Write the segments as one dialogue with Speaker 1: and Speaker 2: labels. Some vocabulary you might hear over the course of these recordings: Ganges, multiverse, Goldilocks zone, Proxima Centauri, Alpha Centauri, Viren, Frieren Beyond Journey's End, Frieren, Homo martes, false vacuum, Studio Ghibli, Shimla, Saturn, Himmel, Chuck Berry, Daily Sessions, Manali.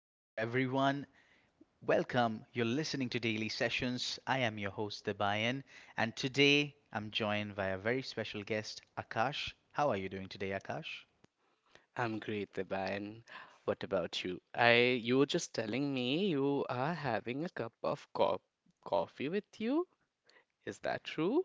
Speaker 1: Hello, everyone. Welcome. You're listening to Daily Sessions. I am your host, Debayan, and today I'm joined by a very special guest, Akash. How are you doing today, Akash?
Speaker 2: I'm great, Deban. What about you? I You were just telling me you are having a cup of co coffee with you. Is that true?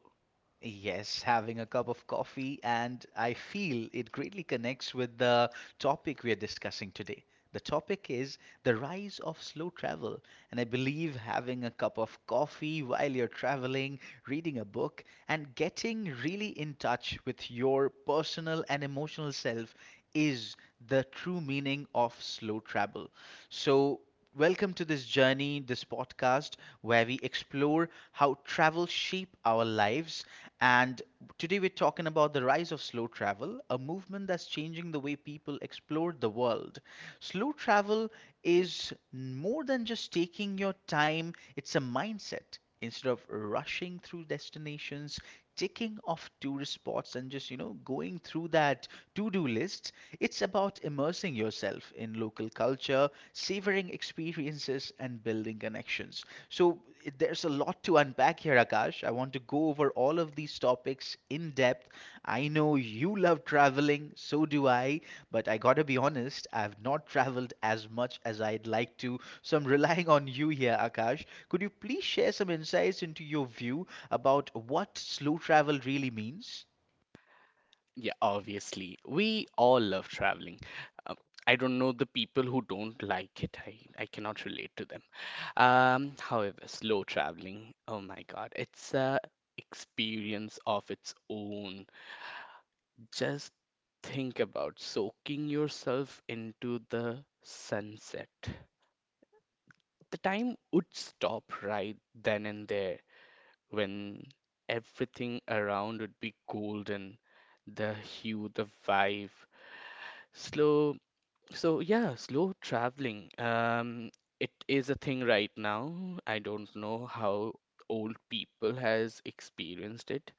Speaker 1: Yes, having a cup of coffee, and I feel it greatly connects with the topic we are discussing today. The topic is the rise of slow travel, and I believe having a cup of coffee while you're traveling, reading a book, and getting really in touch with your personal and emotional self is the true meaning of slow travel. So, welcome to this journey, this podcast where we explore how travel shape our lives. And today we're talking about the rise of slow travel, a movement that's changing the way people explore the world. Slow travel is more than just taking your time, it's a mindset instead of rushing through destinations, ticking off tourist spots, and just, going through that to do list, it's about immersing yourself in local culture, savoring experiences, and building connections. So, there's a lot to unpack here, Akash. I want to go over all of these topics in depth. I know you love traveling, so do I, but I gotta be honest, I've not traveled as much as I'd like to, so I'm relying on you here, Akash. Could you please share some insights into your view about what slow travel really means?
Speaker 2: Yeah, obviously. We all love traveling. Um, I don't know the people who don't like it. I cannot relate to them. However, slow traveling, oh my God, it's a experience of its own. Just think about soaking yourself into the sunset. The time would stop right then and there when everything around would be golden, the hue, the vibe. Slow, so yeah, slow traveling. It is a thing right now. I don't know how old people has experienced it,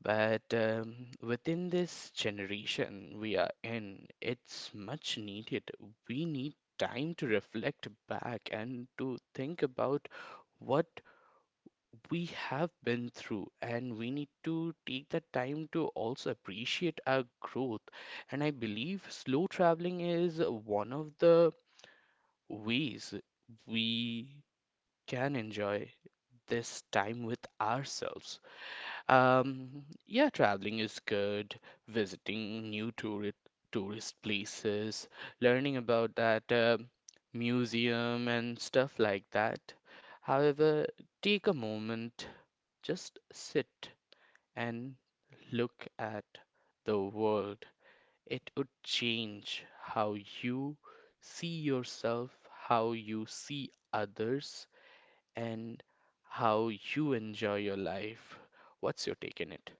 Speaker 2: but within this generation we are in, it's much needed. We need time to reflect back and to think about what we have been through, and we need to take that time to also appreciate our growth. And I believe slow traveling is one of the ways we can enjoy this time with ourselves. Yeah, traveling is good. Visiting new tourist places, learning about that museum and stuff like that. However, take a moment, just sit and look at the world. It would change how you see yourself, how you see others, and how you enjoy your life. What's your take in it?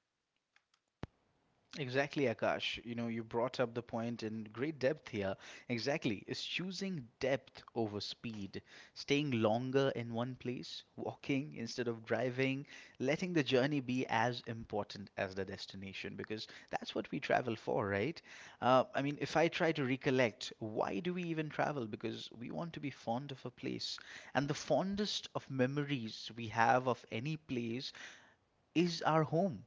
Speaker 1: Exactly, Akash. You brought up the point in great depth here. Exactly. Is choosing depth over speed, staying longer in one place, walking instead of driving, letting the journey be as important as the destination, because that's what we travel for, right? I mean, if I try to recollect, why do we even travel? Because we want to be fond of a place. And the fondest of memories we have of any place is our home.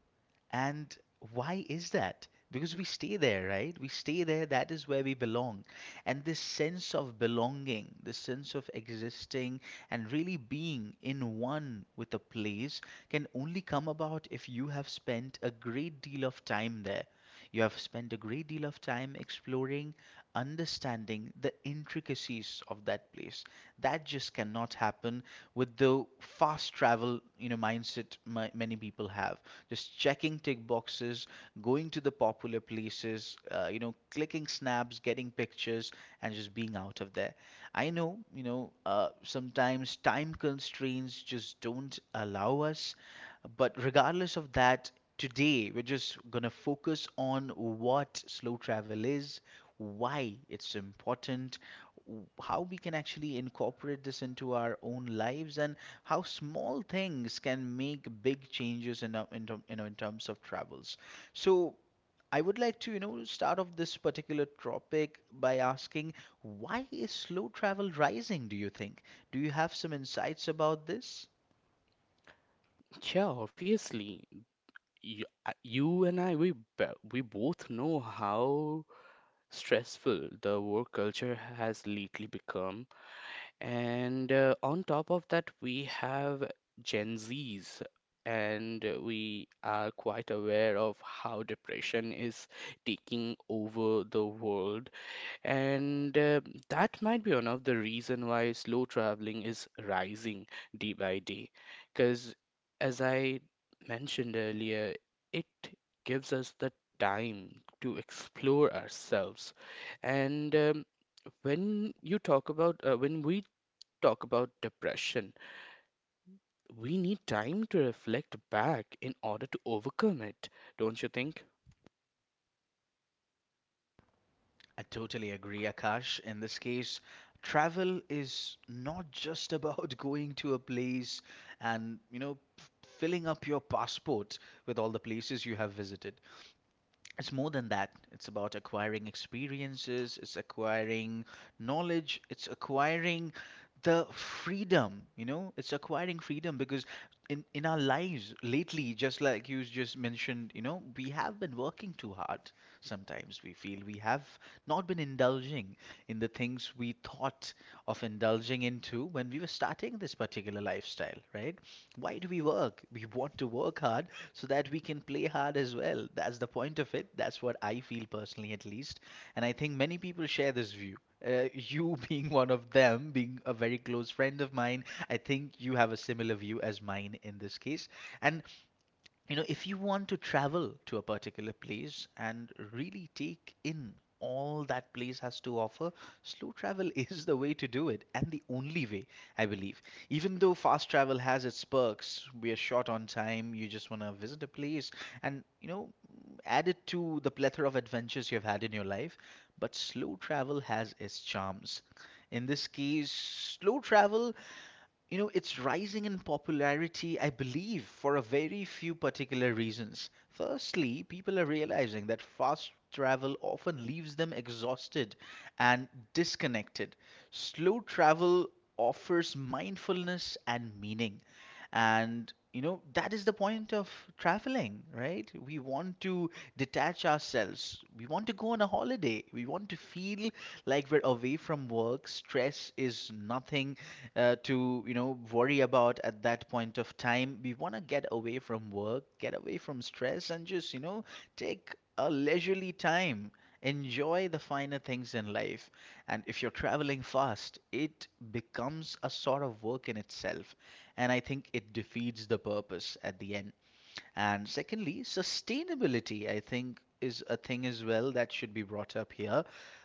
Speaker 1: And why is that? Because we stay there, right? We stay there, that is where we belong. And this sense of belonging, this sense of existing and really being in one with a place can only come about if you have spent a great deal of time there. You have spent a great deal of time exploring, understanding the intricacies of that place. That just cannot happen with the fast travel, mindset many people have. Just checking tick boxes, going to the popular places, clicking snaps, getting pictures, and just being out of there. I know, sometimes time constraints just don't allow us. But regardless of that, today we're just gonna focus on what slow travel is, why it's important, how we can actually incorporate this into our own lives, and how small things can make big changes in, our- in, term- you know, in terms of travels. So, I would like to, start off this particular topic by asking, why is slow travel rising, do you think? Do you have some insights about this?
Speaker 2: Yeah, obviously. You and I, we both know how stressful the work culture has lately become. And on top of that, we have Gen Zs, and we are quite aware of how depression is taking over the world. And that might be one of the reason why slow traveling is rising day by day. Because as I mentioned earlier, it gives us the time to explore ourselves. And when we talk about depression, we need time to reflect back in order to overcome it, don't you think?
Speaker 1: I totally agree, Akash. In this case, travel is not just about going to a place and, filling up your passport with all the places you have visited. It's more than that. It's about acquiring experiences, it's acquiring knowledge, it's acquiring the freedom, it's acquiring freedom because in our lives lately, just like you just mentioned, we have been working too hard. Sometimes we feel we have not been indulging in the things we thought of indulging into when we were starting this particular lifestyle, right? Why do we work? We want to work hard so that we can play hard as well. That's the point of it. That's what I feel personally, at least. And I think many people share this view. You being one of them, being a very close friend of mine, I think you have a similar view as mine in this case. And if you want to travel to a particular place and really take in all that place has to offer, slow travel is the way to do it and the only way, I believe. Even though fast travel has its perks, we are short on time, you just want to visit a place and, add it to the plethora of adventures you've had in your life, but slow travel has its charms. In this case, slow travel, it's rising in popularity, I believe, for a very few particular reasons. Firstly, people are realizing that fast travel often leaves them exhausted and disconnected. Slow travel offers mindfulness and meaning. And that is the point of traveling, right? We want to detach ourselves. We want to go on a holiday. We want to feel like we're away from work. Stress is nothing to, worry about at that point of time. We want to get away from work, get away from stress, and just, take a leisurely time. Enjoy the finer things in life. And if you're traveling fast, it becomes a sort of work in itself, and I think it defeats the purpose at the end. And secondly, sustainability, I think, is a thing as well that should be brought up here.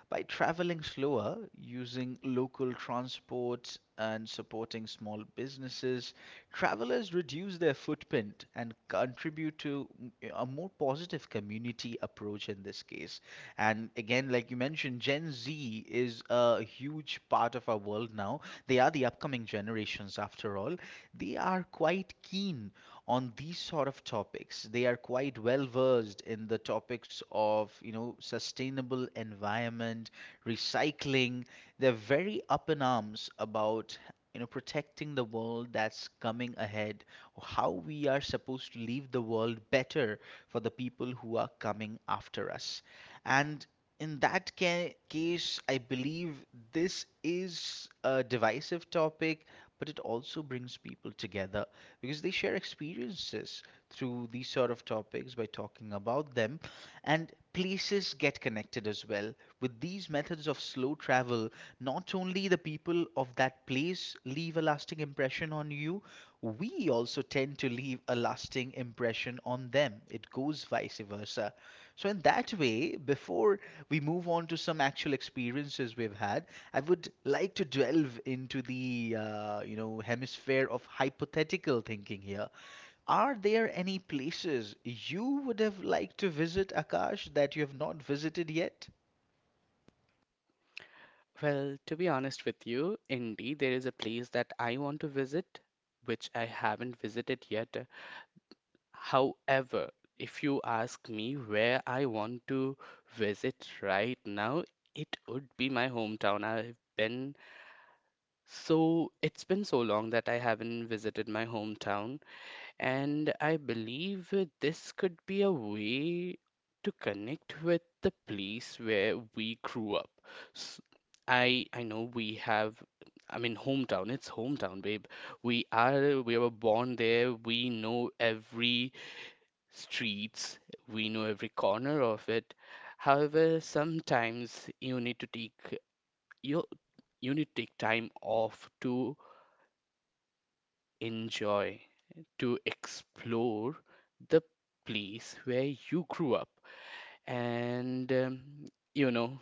Speaker 1: By traveling slower, using local transport, and supporting small businesses, travelers reduce their footprint and contribute to a more positive community approach in this case. And again, like you mentioned, Gen Z is a huge part of our world now. They are the upcoming generations, after all. They are quite keen on these sort of topics. They are quite well versed in the topics of, sustainable environment, recycling. They're very up in arms about protecting the world that's coming ahead, how we are supposed to leave the world better for the people who are coming after us. And in that case, I believe this is a divisive topic, but it also brings people together because they share experiences through these sort of topics by talking about them, and places get connected as well. With these methods of slow travel, not only the people of that place leave a lasting impression on you, we also tend to leave a lasting impression on them. It goes vice versa. So, in that way, before we move on to some actual experiences we've had, I would like to delve into the hemisphere of hypothetical thinking here. Are there any places you would have liked to visit, Akash, that you have not visited yet?
Speaker 2: Well, to be honest with you, indeed, there is a place that I want to visit, which I haven't visited yet. However, if you ask me where I want to visit right now, it would be my hometown. It's been so long that I haven't visited my hometown. And I believe this could be a way to connect with the place where we grew up. S- I know I mean, hometown, it's hometown, babe. We were born there. We know every streets, we know every corner of it. However, sometimes you you need to take time off to enjoy, to explore the place where you grew up. And you know,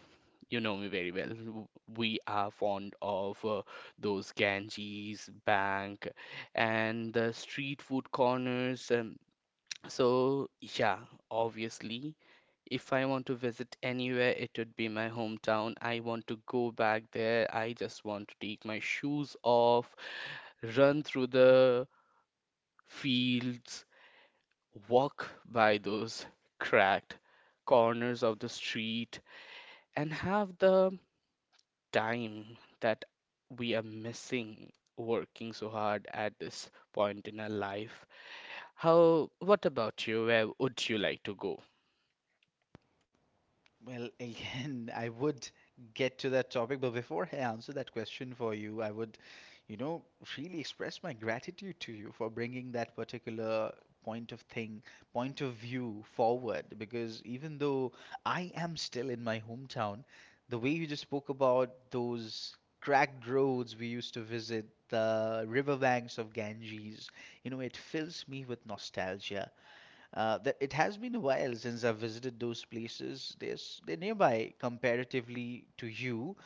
Speaker 2: you know me very well. We are fond of those Ganges bank and the street food corners. So, yeah, obviously, if I want to visit anywhere, it would be my hometown. I want to go back there. I just want to take my shoes off, run through the fields, walk by those cracked corners of the street, and have the time that we are missing working so hard at this point in our life. How, what about you? Where would you like to go?
Speaker 1: Well, again, I would get to that topic, but before I answer that question for you, I would, you know, really express my gratitude to you for bringing that particular point of thing, point of view forward. Because even though I am still in my hometown, the way you just spoke about those cracked roads we used to visit, the riverbanks of Ganges, it fills me with nostalgia, that it has been a while since I've visited those places. They're nearby comparatively to you,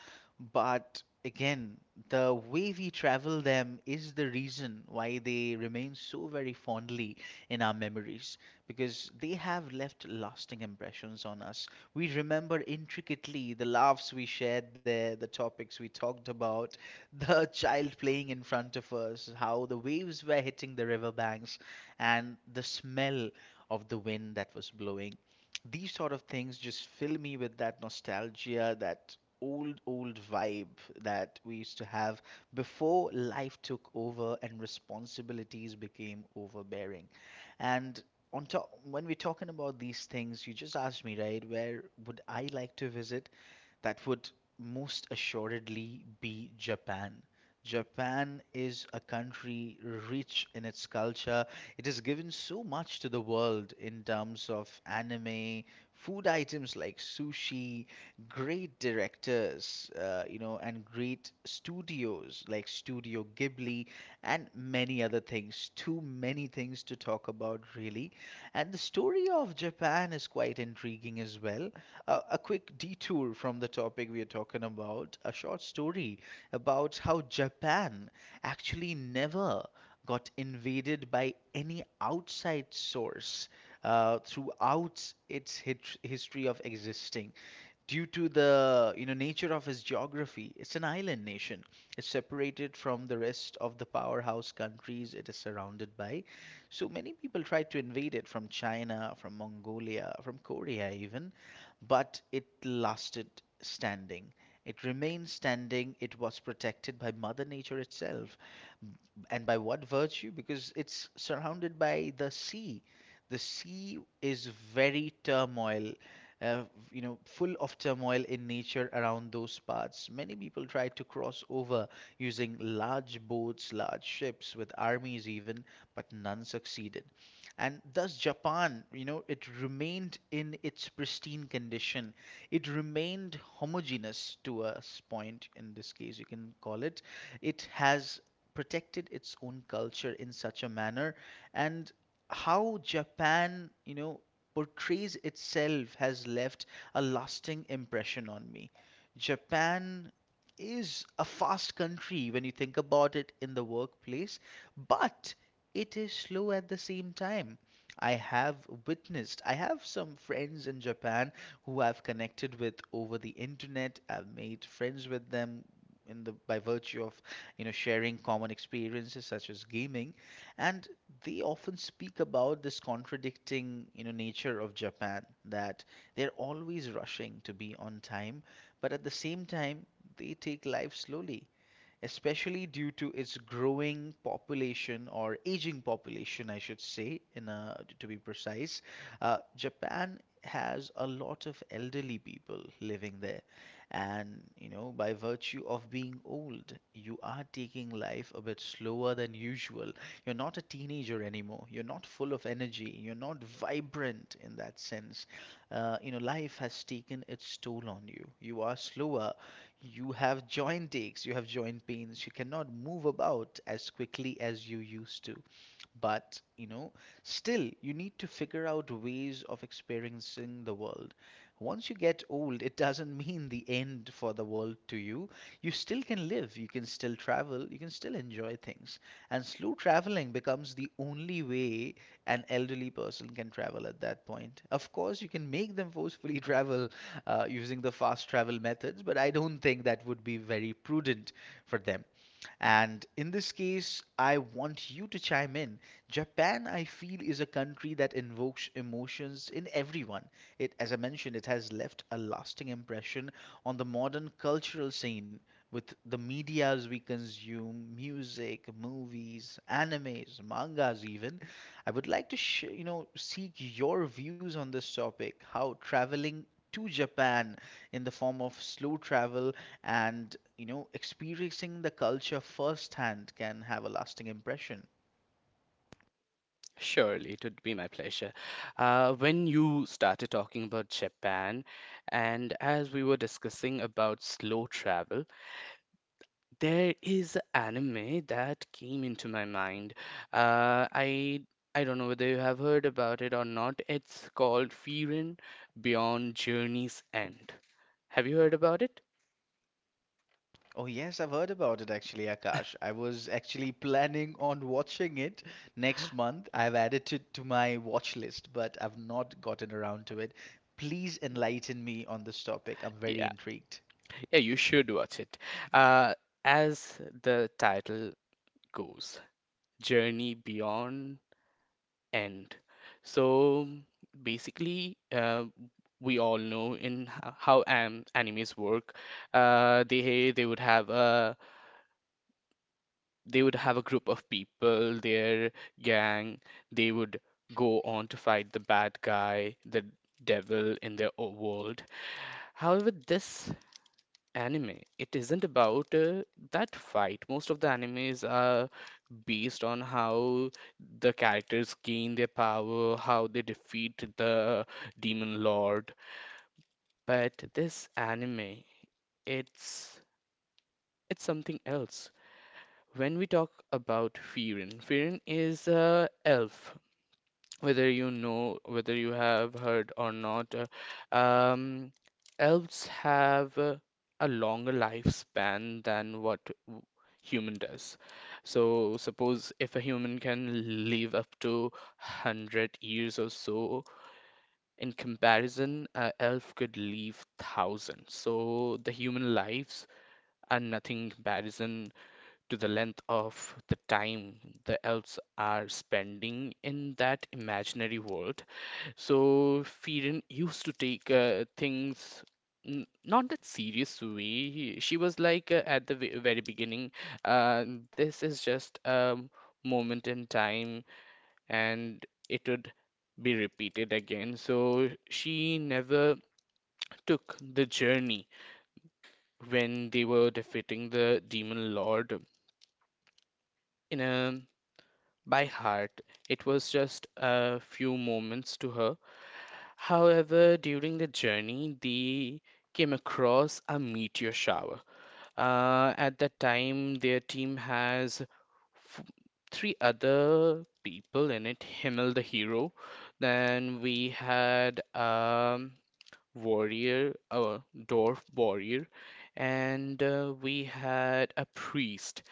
Speaker 1: but again, the way we travel them is the reason why they remain so very fondly in our memories, because they have left lasting impressions on us. We remember intricately the laughs we shared there, the topics we talked about, the child playing in front of us, how the waves were hitting the riverbanks, and the smell of the wind that was blowing. These sort of things just fill me with that nostalgia, that old, old vibe that we used to have before life took over and responsibilities became overbearing. And on top, when we're talking about these things, you just asked me, right, where would I like to visit? That would most assuredly be Japan. Japan is a country rich in its culture. It has given so much to the world in terms of anime, food items like sushi, great directors, and great studios like Studio Ghibli, and many other things. Too many things to talk about, really. And the story of Japan is quite intriguing as well. A quick detour from the topic we are talking about, a short story about how Japan actually never got invaded by any outside source throughout its history of existing. Due to the nature of its geography, it's an island nation. It's separated from the rest of the powerhouse countries it is surrounded by. So many people tried to invade it from China, from Mongolia, from Korea even, but it lasted standing. It remained standing. It was protected by Mother Nature itself. And by what virtue? Because it's surrounded by the sea. The sea is very turmoil, uh, full of turmoil in nature around those parts. Many people tried to cross over using large boats, large ships, with armies even, but none succeeded. And thus, Japan, it remained in its pristine condition. It remained homogeneous to a point, in this case, you can call it. It has protected its own culture in such a manner, and how Japan portrays itself has left a lasting impression on me. Japan is a fast country when you think about it in the workplace, but it is slow at the same time. I have some friends in Japan who I've connected with over the internet. I've made friends with them in the by virtue of sharing common experiences such as gaming, and they often speak about this contradicting, nature of Japan, that they're always rushing to be on time, but at the same time, they take life slowly, especially due to its growing population, or aging population, I should say, to be precise. Japan has a lot of elderly people living there, and by virtue of being old, you are taking life a bit slower than usual. You're not a teenager anymore, you're not full of energy, you're not vibrant in that sense. Life has taken its toll on you, you are slower, you have joint aches, you have joint pains, you cannot move about as quickly as you used to. But still, you need to figure out ways of experiencing the world. Once you get old, it doesn't mean the end for the world to you. You still can live, you can still travel, you can still enjoy things. And slow traveling becomes the only way an elderly person can travel at that point. Of course, you can make them forcefully travel using the fast travel methods, but I don't think that would be very prudent for them. And in this case, I want you to chime in. Japan, I feel, is a country that invokes emotions in everyone. It, as I mentioned, it has left a lasting impression on the modern cultural scene with the medias we consume, music, movies, animes, mangas, even. I would like to seek your views on this topic, how traveling to Japan in the form of slow travel and, experiencing the culture firsthand can have a lasting impression.
Speaker 2: Surely, it would be my pleasure. When you started talking about Japan, and as we were discussing about slow travel, there is anime that came into my mind. Uh, I I don't know whether you have heard about it or not. It's called Frieren Beyond Journey's End. Have you heard about it?
Speaker 1: Oh, yes, I've heard about it actually, Akash. I was actually planning on watching it next month. I've added it to my watch list, but I've not gotten around to it. Please enlighten me on this topic. I'm very
Speaker 2: Yeah,
Speaker 1: intrigued.
Speaker 2: yeah, you should watch it. Uh, as the title goes, Journey Beyond End. So basically, we all know how am animes work. They would have a they would have a group of people, their gang. They would go on to fight the bad guy, the devil in their world. However, this anime, it isn't about that fight. Most of the animes are based on how the characters gain their power, how they defeat the demon lord. But this anime, it's it's something else. When we talk about Firin, Firin is a elf. Whether you know, whether you have heard or not, um, elves have a longer lifespan than human does. So suppose if a human can live up to 100 years or so, in comparison, a elf could live thousands. So the human lives are nothing in comparison to the length of the time the elves are spending in that imaginary world. So Firen used to take things not that serious way. She was like at the very beginning, uh, this is just a moment in time and it would be repeated again. So she never took the journey when they were defeating the demon lord in a by heart. It was just a few moments to her. However, during the journey, they came across a meteor shower. At that time, their team has f- three other people in it. Himmel, the hero. Then we had. Warrior, a dwarf warrior, and we had a priest,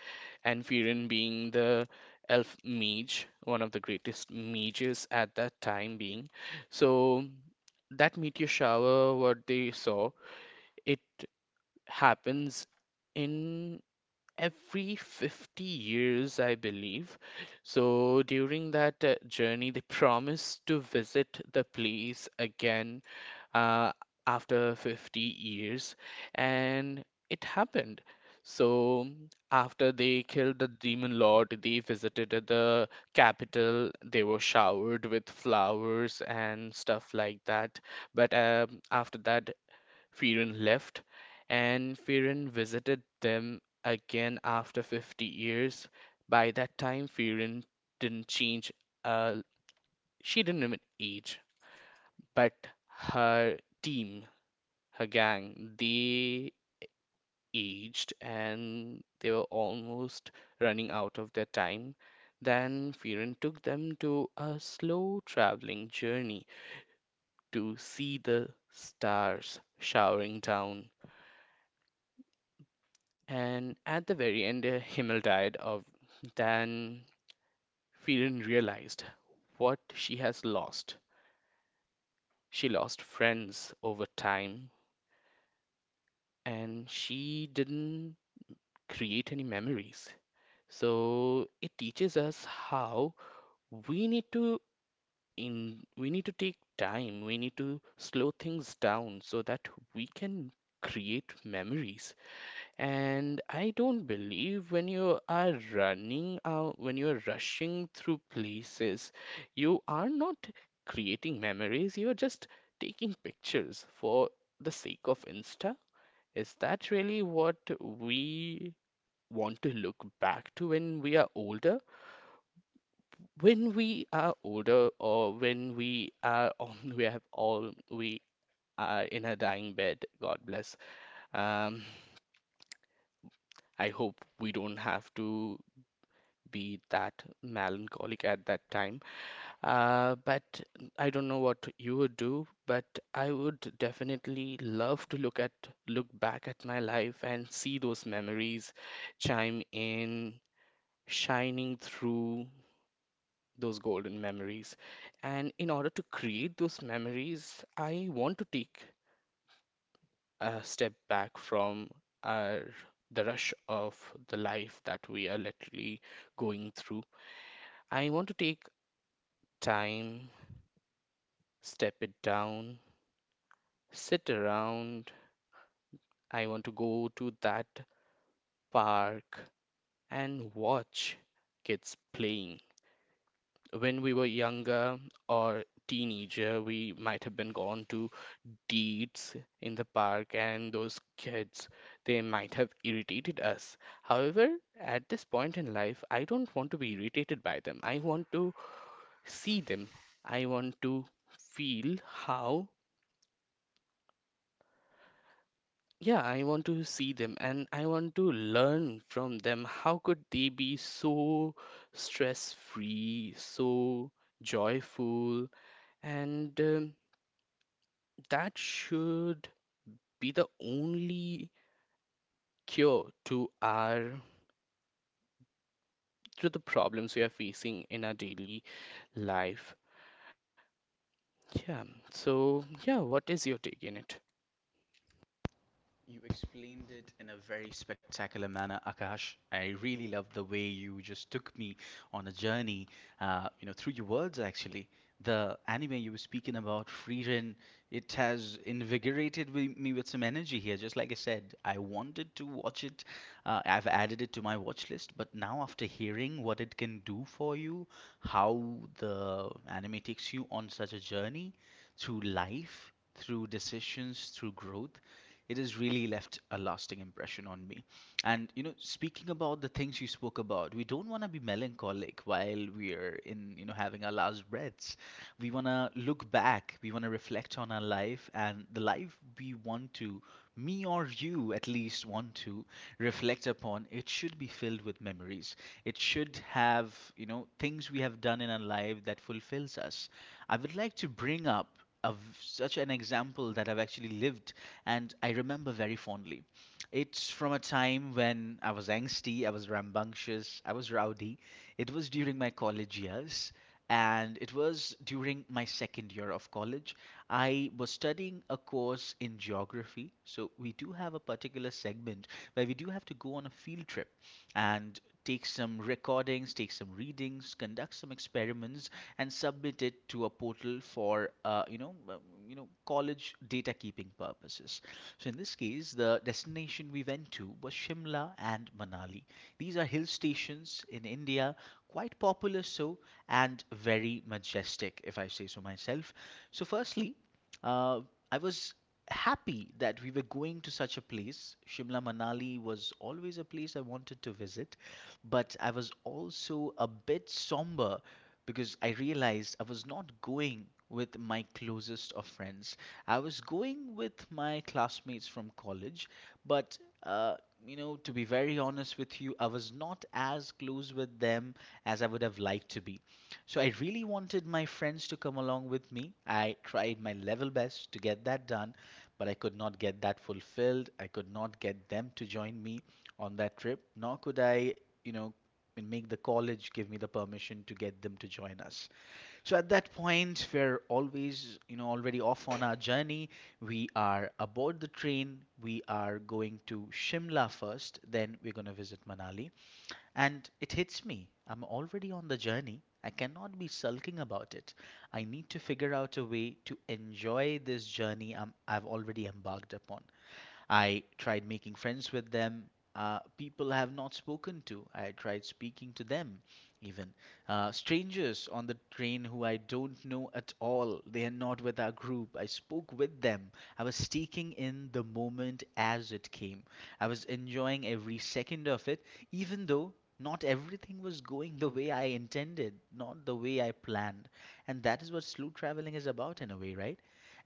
Speaker 2: and Viren being the elf mage, one of the greatest mages at that time being. So that meteor shower, what they saw, it happens in every 50 years, I believe. So during that journey, they promised to visit the place again uh, after 50 years, and it happened. So after they killed the demon lord, they visited the capital. They were showered with flowers and stuff like that. But after that, Fearon left, and Fearon visited them again after 50 years. By that time, Fearon didn't change, uh, she didn't even age, but her team, her gang, they aged and they were almost running out of their time. Then Fearon took them to a slow traveling journey to see the stars showering down. And at the very end, Himmel died. Of then, Firen realized what she has lost. She lost friends over time and she didn't create any memories. So it teaches us how we need to we need to take time, we need to slow things down so that we can create memories. And I don't believe when you are running out, when you're rushing through places, you are not creating memories, you're just taking pictures for the sake of Insta. Is that really what we want to look back to when we are older? When we are older, or when we are on, we have all, we are in a dying bed, God bless. Um, I hope we don't have to be that melancholic at that time. But I don't know what you would do, but I would definitely love to look back at my life and see those memories chime in, shining through those golden memories. And in order to create those memories, I want to take a step back from our the rush of the life that we are literally going through. I want to take time, step it down, sit around. I want to go to that park and watch kids playing. When we were younger or teenager, we might have been gone to deeds in the park and those kids, they might have irritated us. However, at this point in life, I don't want to be irritated by them. I want to see them. I want to feel how. Yeah, I want to see them and I want to learn from them. How could they be so stress free, so joyful? And that should be the only cure to our to the problems we are facing in our daily life. Yeah. So, yeah, what is your take in it?
Speaker 1: You explained it in a very spectacular manner, Akash. I really love the way you just took me on a journey, through your words actually. The anime you were speaking about, Frieren, it has invigorated me with some energy here. Just like I said, I wanted to watch it. I've added it to my watch list, but now after hearing what it can do for you, how the anime takes you on such a journey through life, through decisions, through growth, it has really left a lasting impression on me. And speaking about the things you spoke about, we don't want to be melancholic while we're in, you know, having our last breaths. We want to look back, we want to reflect on our life and the life we want to, me or you at least want to reflect upon. It should be filled with memories. It should have, things we have done in our life that fulfills us. I would like to bring up of such an example that I've actually lived and I remember very fondly. It's from a time when I was angsty, I was rambunctious, I was rowdy. It was during my college years, and it was during my second year of college. I was studying a course in geography, so we do have a particular segment where we do have to go on a field trip and take some recordings, take some readings, conduct some experiments and submit it to a portal for college data keeping purposes. So in this case, the destination we went to was Shimla and Manali. These are hill stations in India, quite popular, so and very majestic, if I say so myself. So firstly, uh, I was happy that we were going to such a place. Shimla Manali was always a place I wanted to visit, but I was also a bit somber because I realized I was not going with my closest of friends. I was going with my classmates from college, but uh, to be very honest with you, I was not as close with them as I would have liked to be. So I really wanted my friends to come along with me. I tried my level best to get that done, but I could not get that fulfilled. I could not get them to join me on that trip, nor could I, you know, make the college give me the permission to get them to join us. So at that point, we're always, already off on our journey. We are aboard the train. We are going to Shimla first, then we're going to visit Manali. And it hits me. I'm already on the journey. I cannot be sulking about it. I need to figure out a way to enjoy this journey I've already embarked upon. I tried making friends with them. People I have not spoken to. I tried speaking to them, even. Strangers on the train who I don't know at all. They are not with our group. I spoke with them. I was taking in the moment as it came. I was enjoying every second of it, even though not everything was going the way I intended, not the way I planned. And that is what slow traveling is about, in a way, right?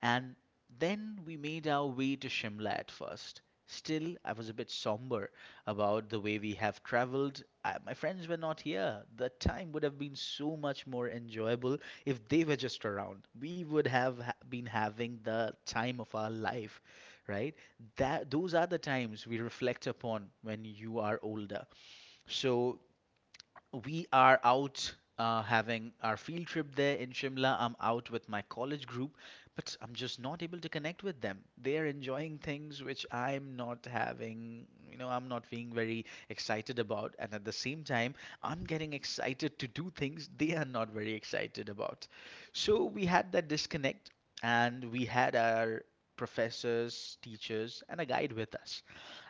Speaker 1: And then we made our way to Shimla at first. Still, I was a bit somber about the way we have traveled. My friends were not here. The time would have been so much more enjoyable if they were just around. We would have been having the time of our life, right? That those are the times we reflect upon when you are older. So we are out having our field trip there in Shimla. I'm out with my college group, but I'm just not able to connect with them. They are enjoying things which I'm not having, I'm not being very excited about. And at the same time, I'm getting excited to do things they are not very excited about. So we had that disconnect and we had our professors, teachers, and a guide with us.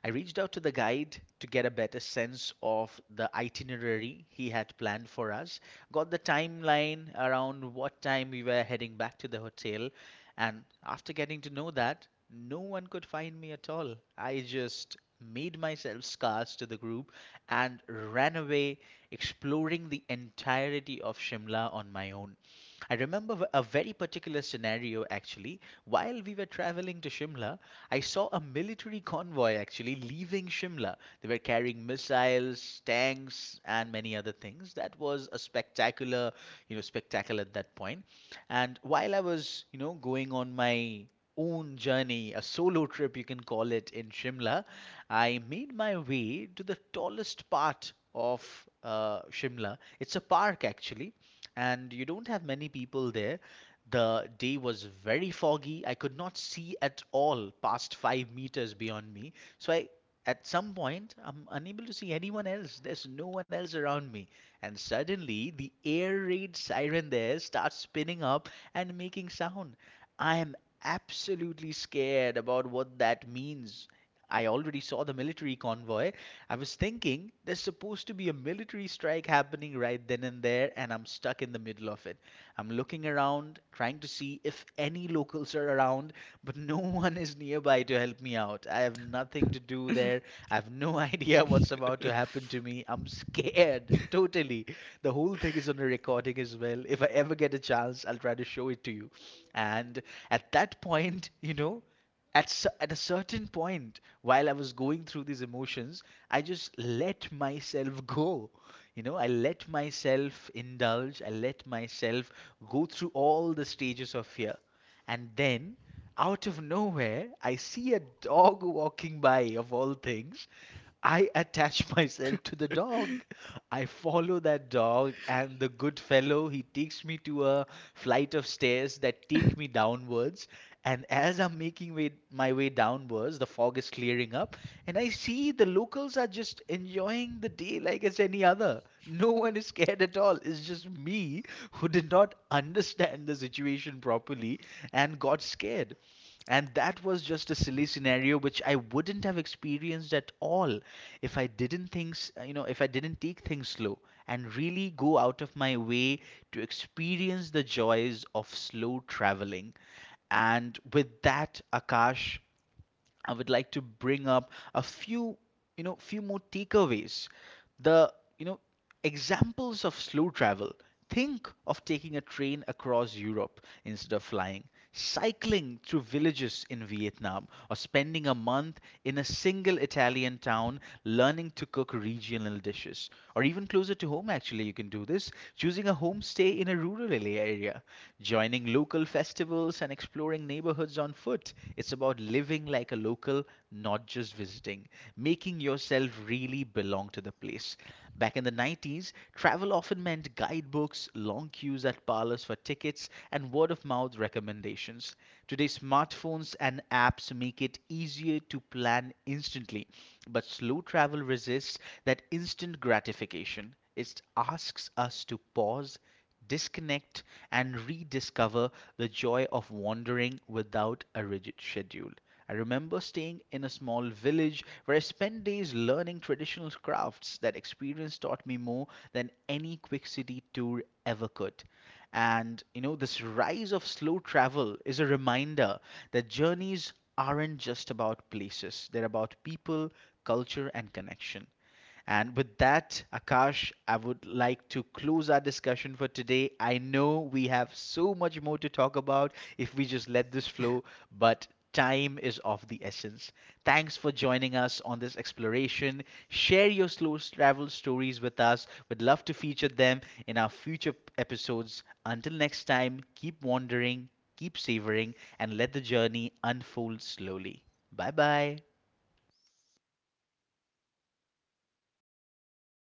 Speaker 1: I reached out to the guide to get a better sense of the itinerary he had planned for us, got the timeline around what time we were heading back to the hotel, and after getting to know that, no one could find me at all. I just made myself scarce to the group and ran away, exploring the entirety of Shimla on my own. I remember a very particular scenario actually. While we were traveling to Shimla, I saw a military convoy actually leaving Shimla. They were carrying missiles, tanks, and many other things. That was a spectacular, spectacle at that point. And while I was, going on my own journey, a solo trip you can call it in Shimla, I made my way to the tallest part of Shimla. It's a park actually, and you don't have many people there. The day was very foggy. I could not see at all past 5 meters beyond me. So at some point, I'm unable to see anyone else. There's no one else around me. And suddenly, the air raid siren there starts spinning up and making sound. I am absolutely scared about what that means. I already saw the military convoy. I was thinking there's supposed to be a military strike happening right then and there, and I'm stuck in the middle of it. I'm looking around, trying to see if any locals are around, but no one is nearby to help me out. I have nothing to do there. I have no idea what's about to happen to me. I'm scared, totally. The whole thing is on a recording as well. If I ever get a chance, I'll try to show it to you. And at that point, at a certain point while I was going through these emotions, I just let myself go. You know I let myself indulge, I let myself go through all the stages of fear, and then out of nowhere, I see a dog walking by of all things. I attach myself to the dog. I follow that dog, and the good fellow he takes me to a flight of stairs that take me downwards. And as I'm making my way downwards, the fog is clearing up, and I see the locals are just enjoying the day like it's any other. No one is scared at all. It's just me who did not understand the situation properly and got scared. And that was just a silly scenario which I wouldn't have experienced at all if I didn't things, you know, if I didn't take things slow and really go out of my way to experience the joys of slow traveling. And with that, Akash, I would like to bring up a few more takeaways. The examples of slow travel. Think of taking a train across Europe instead of flying, cycling through villages in Vietnam, or spending a month in a single Italian town learning to cook regional dishes. Or even closer to home, actually, you can do this, choosing a homestay in a rural area, joining local festivals and exploring neighborhoods on foot. It's about living like a local, not just visiting, making yourself really belong to the place. Back in the 90s, travel often meant guidebooks, long queues at parlors for tickets, and word of mouth recommendations. Today, smartphones and apps make it easier to plan instantly, but slow travel resists that instant gratification. It asks us to pause, disconnect, and rediscover the joy of wandering without a rigid schedule. I remember staying in a small village where I spent days learning traditional crafts. That experience taught me more than any quick city tour ever could. And this rise of slow travel is a reminder that journeys aren't just about places, they're about people, culture, and connection. And with that, Akash, I would like to close our discussion for today. I know we have so much more to talk about if we just let this flow, but time is of the essence. Thanks for joining us on this exploration. Share your slow travel stories with us. We'd love to feature them in our future episodes. Until next time, keep wandering, keep savoring, and let the journey unfold slowly. Bye bye.